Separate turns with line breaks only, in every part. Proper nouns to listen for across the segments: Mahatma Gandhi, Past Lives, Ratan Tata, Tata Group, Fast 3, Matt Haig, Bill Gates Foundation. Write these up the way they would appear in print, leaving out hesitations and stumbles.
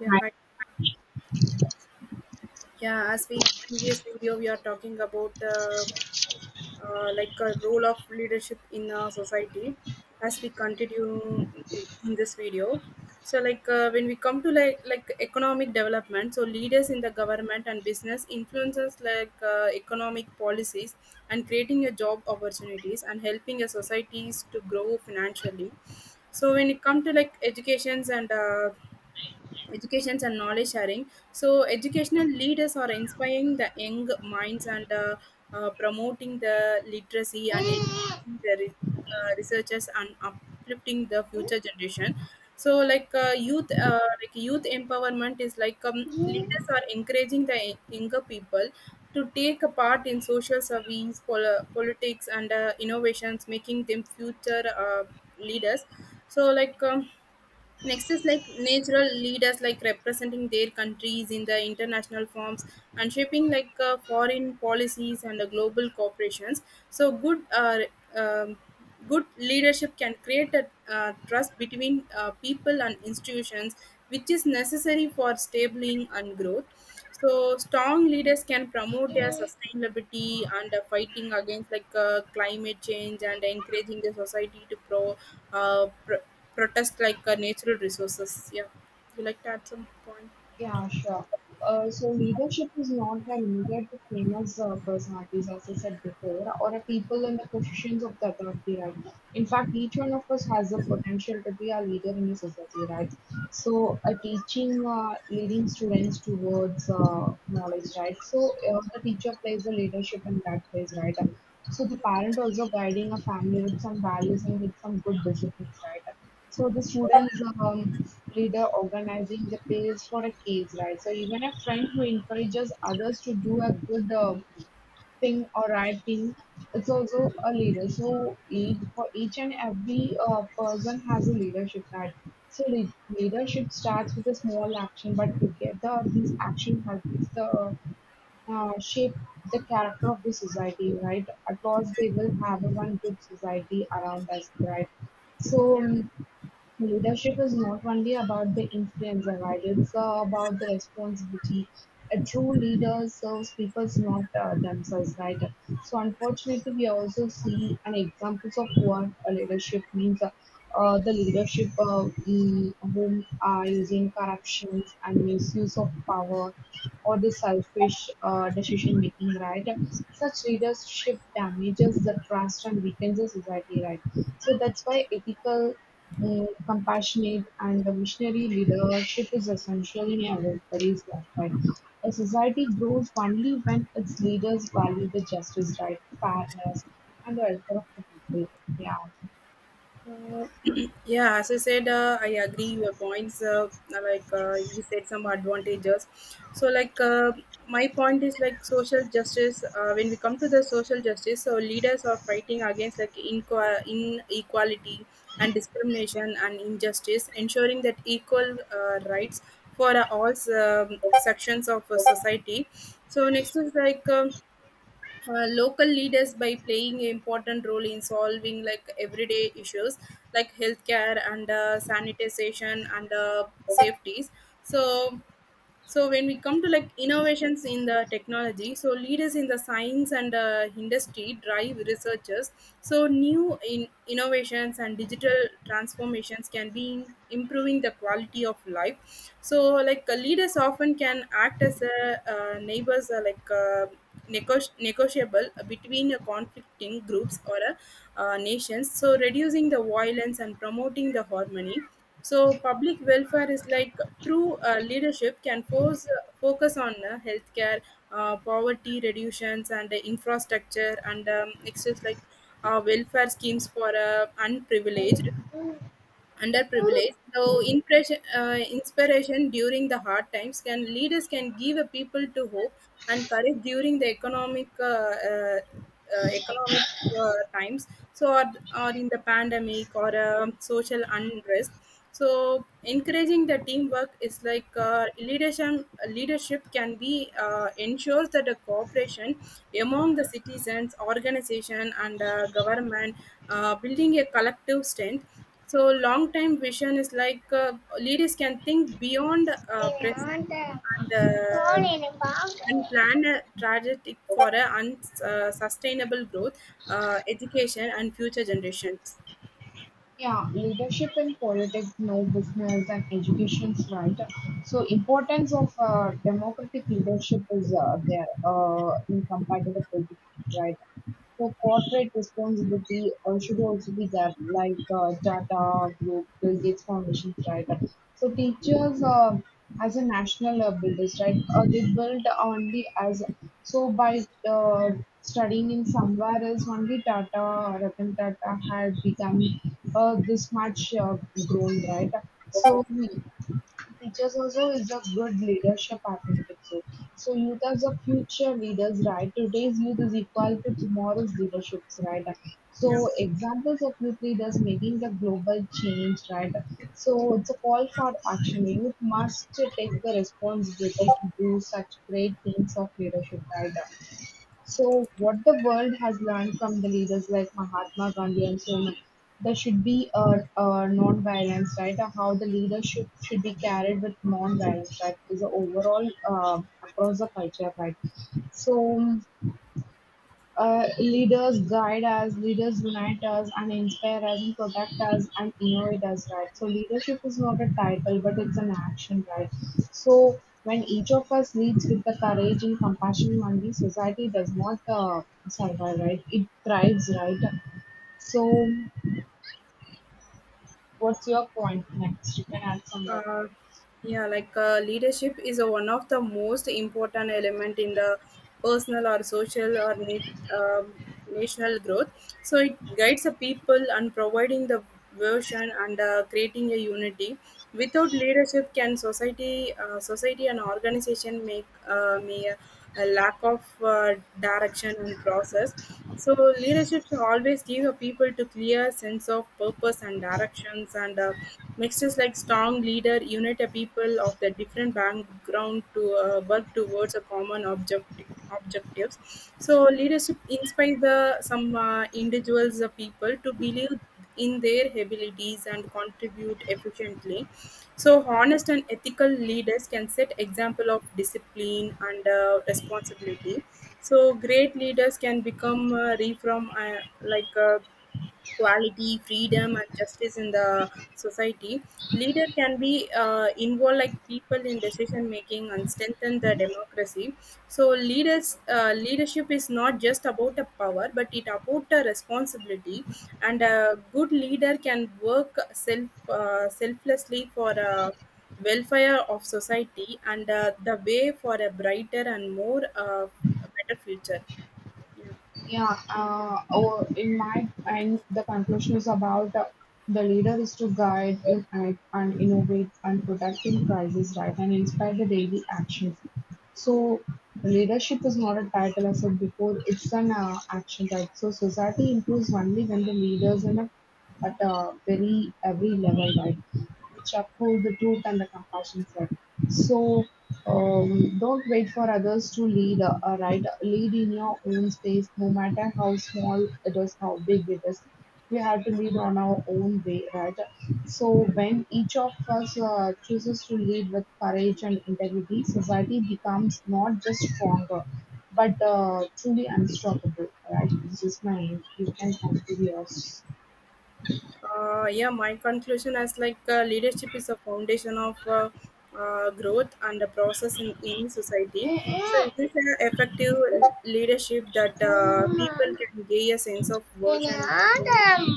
Yeah,
Hi.
hi. Yeah, as we previous video, we are talking about like a role of leadership in society. As we continue in this video, so when we come to like economic development, so leaders in the government and business influences economic policies and creating a job opportunities and helping a societies to grow financially so when it comes to like educations and educations and knowledge sharing so educational leaders are inspiring the young minds and promoting the literacy and encouraging the researchers and uplifting the future generation so like youth empowerment is like leaders are encouraging the younger people to take a part in social service politics and innovations making them future leaders so next is like natural leaders like representing their countries in the international forums and shaping foreign policies and global corporations. So um, good leadership can create a trust between people and institutions, which is necessary for stabling and growth. So strong leaders can promote their sustainability and fighting against climate change and encouraging the society to uh, pr- protest natural resources. Yeah, would you like to add some point?
Yeah, sure. So leadership is not an immediate to famous personalities, as I said before, or a people in the positions of the authority, right? In fact, each one of us has the potential to be a leader in a society, right? So, teaching, leading students towards knowledge, right? So, the teacher plays the leadership in that place, right? So, the parent also guiding a family with some values and with some good disciplines, right? So the students leader organizing the page for a case, right? So even a friend who encourages others to do a good thing or right thing, it's also a leader. So each, for each and every person has a leadership, right? So leadership starts with a small action, but together these action helps the shape the character of the society, right? At last, they will have a one good society around us, right? So. um, Leadership is not only about the influence, right? It's about the responsibility. A true leader serves people, not themselves, right? So, unfortunately, we also see an examples of what a leadership means. The leadership whom are using corruptions and misuse of power or the selfish decision making, right? Such leadership damages the trust and weakens the society, right? So that's why ethical, compassionate and a visionary leadership is essential in everybody's lifetime. A society grows only when its leaders value the justice, right, fairness, and the welfare of the people. Yeah.
Uh, yeah, as I said, I agree your points. Uh, you said, some advantages. So, my point is like social justice. When we come to the social justice, so leaders are fighting against like inequality and discrimination and injustice, ensuring that equal rights for all sections of society. So next is like. Local leaders by playing an important role in solving like everyday issues like healthcare and sanitization and safeties so so when we come to like innovations in the technology so leaders in the science and industry drive researchers so new in innovations and digital transformations can be in improving the quality of life so leaders often can act as a neighbors negotiable between a conflicting groups or a, nations so reducing the violence and promoting the harmony so public welfare is like true leadership can focus on healthcare, poverty reductions, and infrastructure, and it's just like welfare schemes for underprivileged. So inspiration during the hard times can leaders can give a people to hope and courage during the economic uh, economic uh, times. So or in the pandemic or social unrest so encouraging the teamwork is like leadership can be ensures that the cooperation among the citizens organization and government building a collective strength so long term vision is like leaders can think beyond present and uh, and plan a trajectory for a sustainable growth, education, and future generations.
Yeah, leadership in politics, no business and education's right. So importance of democratic leadership is there in compared to the politics, right? So corporate responsibility should also be there, like Tata Group, Bill Gates Foundation, right? So teachers, as a national builders, right? They build only as so by uh, studying in somewhere else, only Tata Ratan Tata had become this much grown, right? So teachers also is a good leadership, I think so. So youth as a future leaders, right? Today's youth is equal to tomorrow's leaderships, right?
Yeah.
So examples of youth leaders making the global change, right? So it's a call for action. Youth must take the responsibility to do such great things of leadership, right? So, what the world has learned from the leaders like Mahatma Gandhi and so on, there should be a non-violence, right? Or how the leadership should be carried with non-violence, right? Is the overall across the culture, right? So, leaders guide us, leaders unite us, and inspire us, and protect us, and innovate us, right? So, leadership is not a title, but it's an action, right? So, when each of us leads with the courage and compassion, Mandi, society does not survive, right? It thrives, right? So, what's your point next? You can add some more.
uh, yeah, leadership is a, one of the most important element in the personal or social or national growth so it guides the people and providing the version and creating a unity without leadership can society and organization make may a lack of direction and process so leadership always give a people to clear sense of purpose and directions and makes us like strong leader unite a people of the different background to work towards a common objectives so leadership inspires the some individuals the people to believe in their abilities and contribute efficiently so honest and ethical leaders can set example of discipline and responsibility so great leaders can become reform equality, freedom, and justice in the society. Leader can be involved like people in decision making and strengthen the democracy. So leadership is not just about a power, but it about a responsibility. And a good leader can work selflessly for. Welfare of society and the way for a brighter and more better future yeah
Yeah, or in my end, the conclusion is about the leader is to guide in, and innovate and protect in crisis, right, and inspire the daily actions. So leadership is not a title, as I said before, it's an action, right? So society improves only when the leaders in a, at a very every level, right, which uphold the truth and the compassion, right? So don't wait for others to lead, right? Lead in your own space, no matter how small it is, how big it is. We have to lead on our own way, right? So, when each of us chooses to lead with courage and integrity, society becomes not just stronger, but truly unstoppable, right? This is my end. You can come to yours.
yeah, my conclusion is like leadership is a foundation of growth and a process in any society so it is an effective leadership that people can gain a sense of version like unity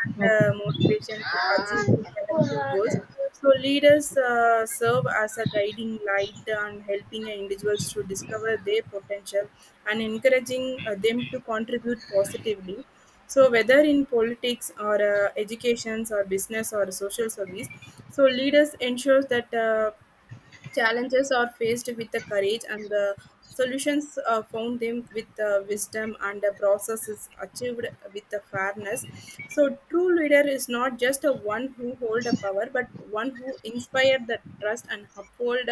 and motivation to achieve their collective goals
Okay.
so leaders serve as a guiding light and helping individuals to discover their potential and encouraging them to contribute positively so whether in politics or educations or business or social service so leaders ensures that challenges are faced with the courage, and the solutions are found them with the wisdom, and the process is achieved with the fairness. So, true leader is not just a one who hold a power, but one who inspired the trust and uphold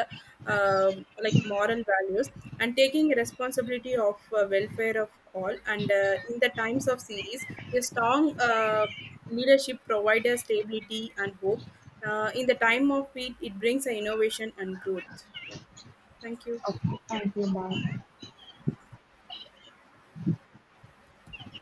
like moral values and taking responsibility of welfare of all. And in the times of series, a strong leadership provides stability and hope in the time of it brings a innovation and growth yeah thank you
放心吧。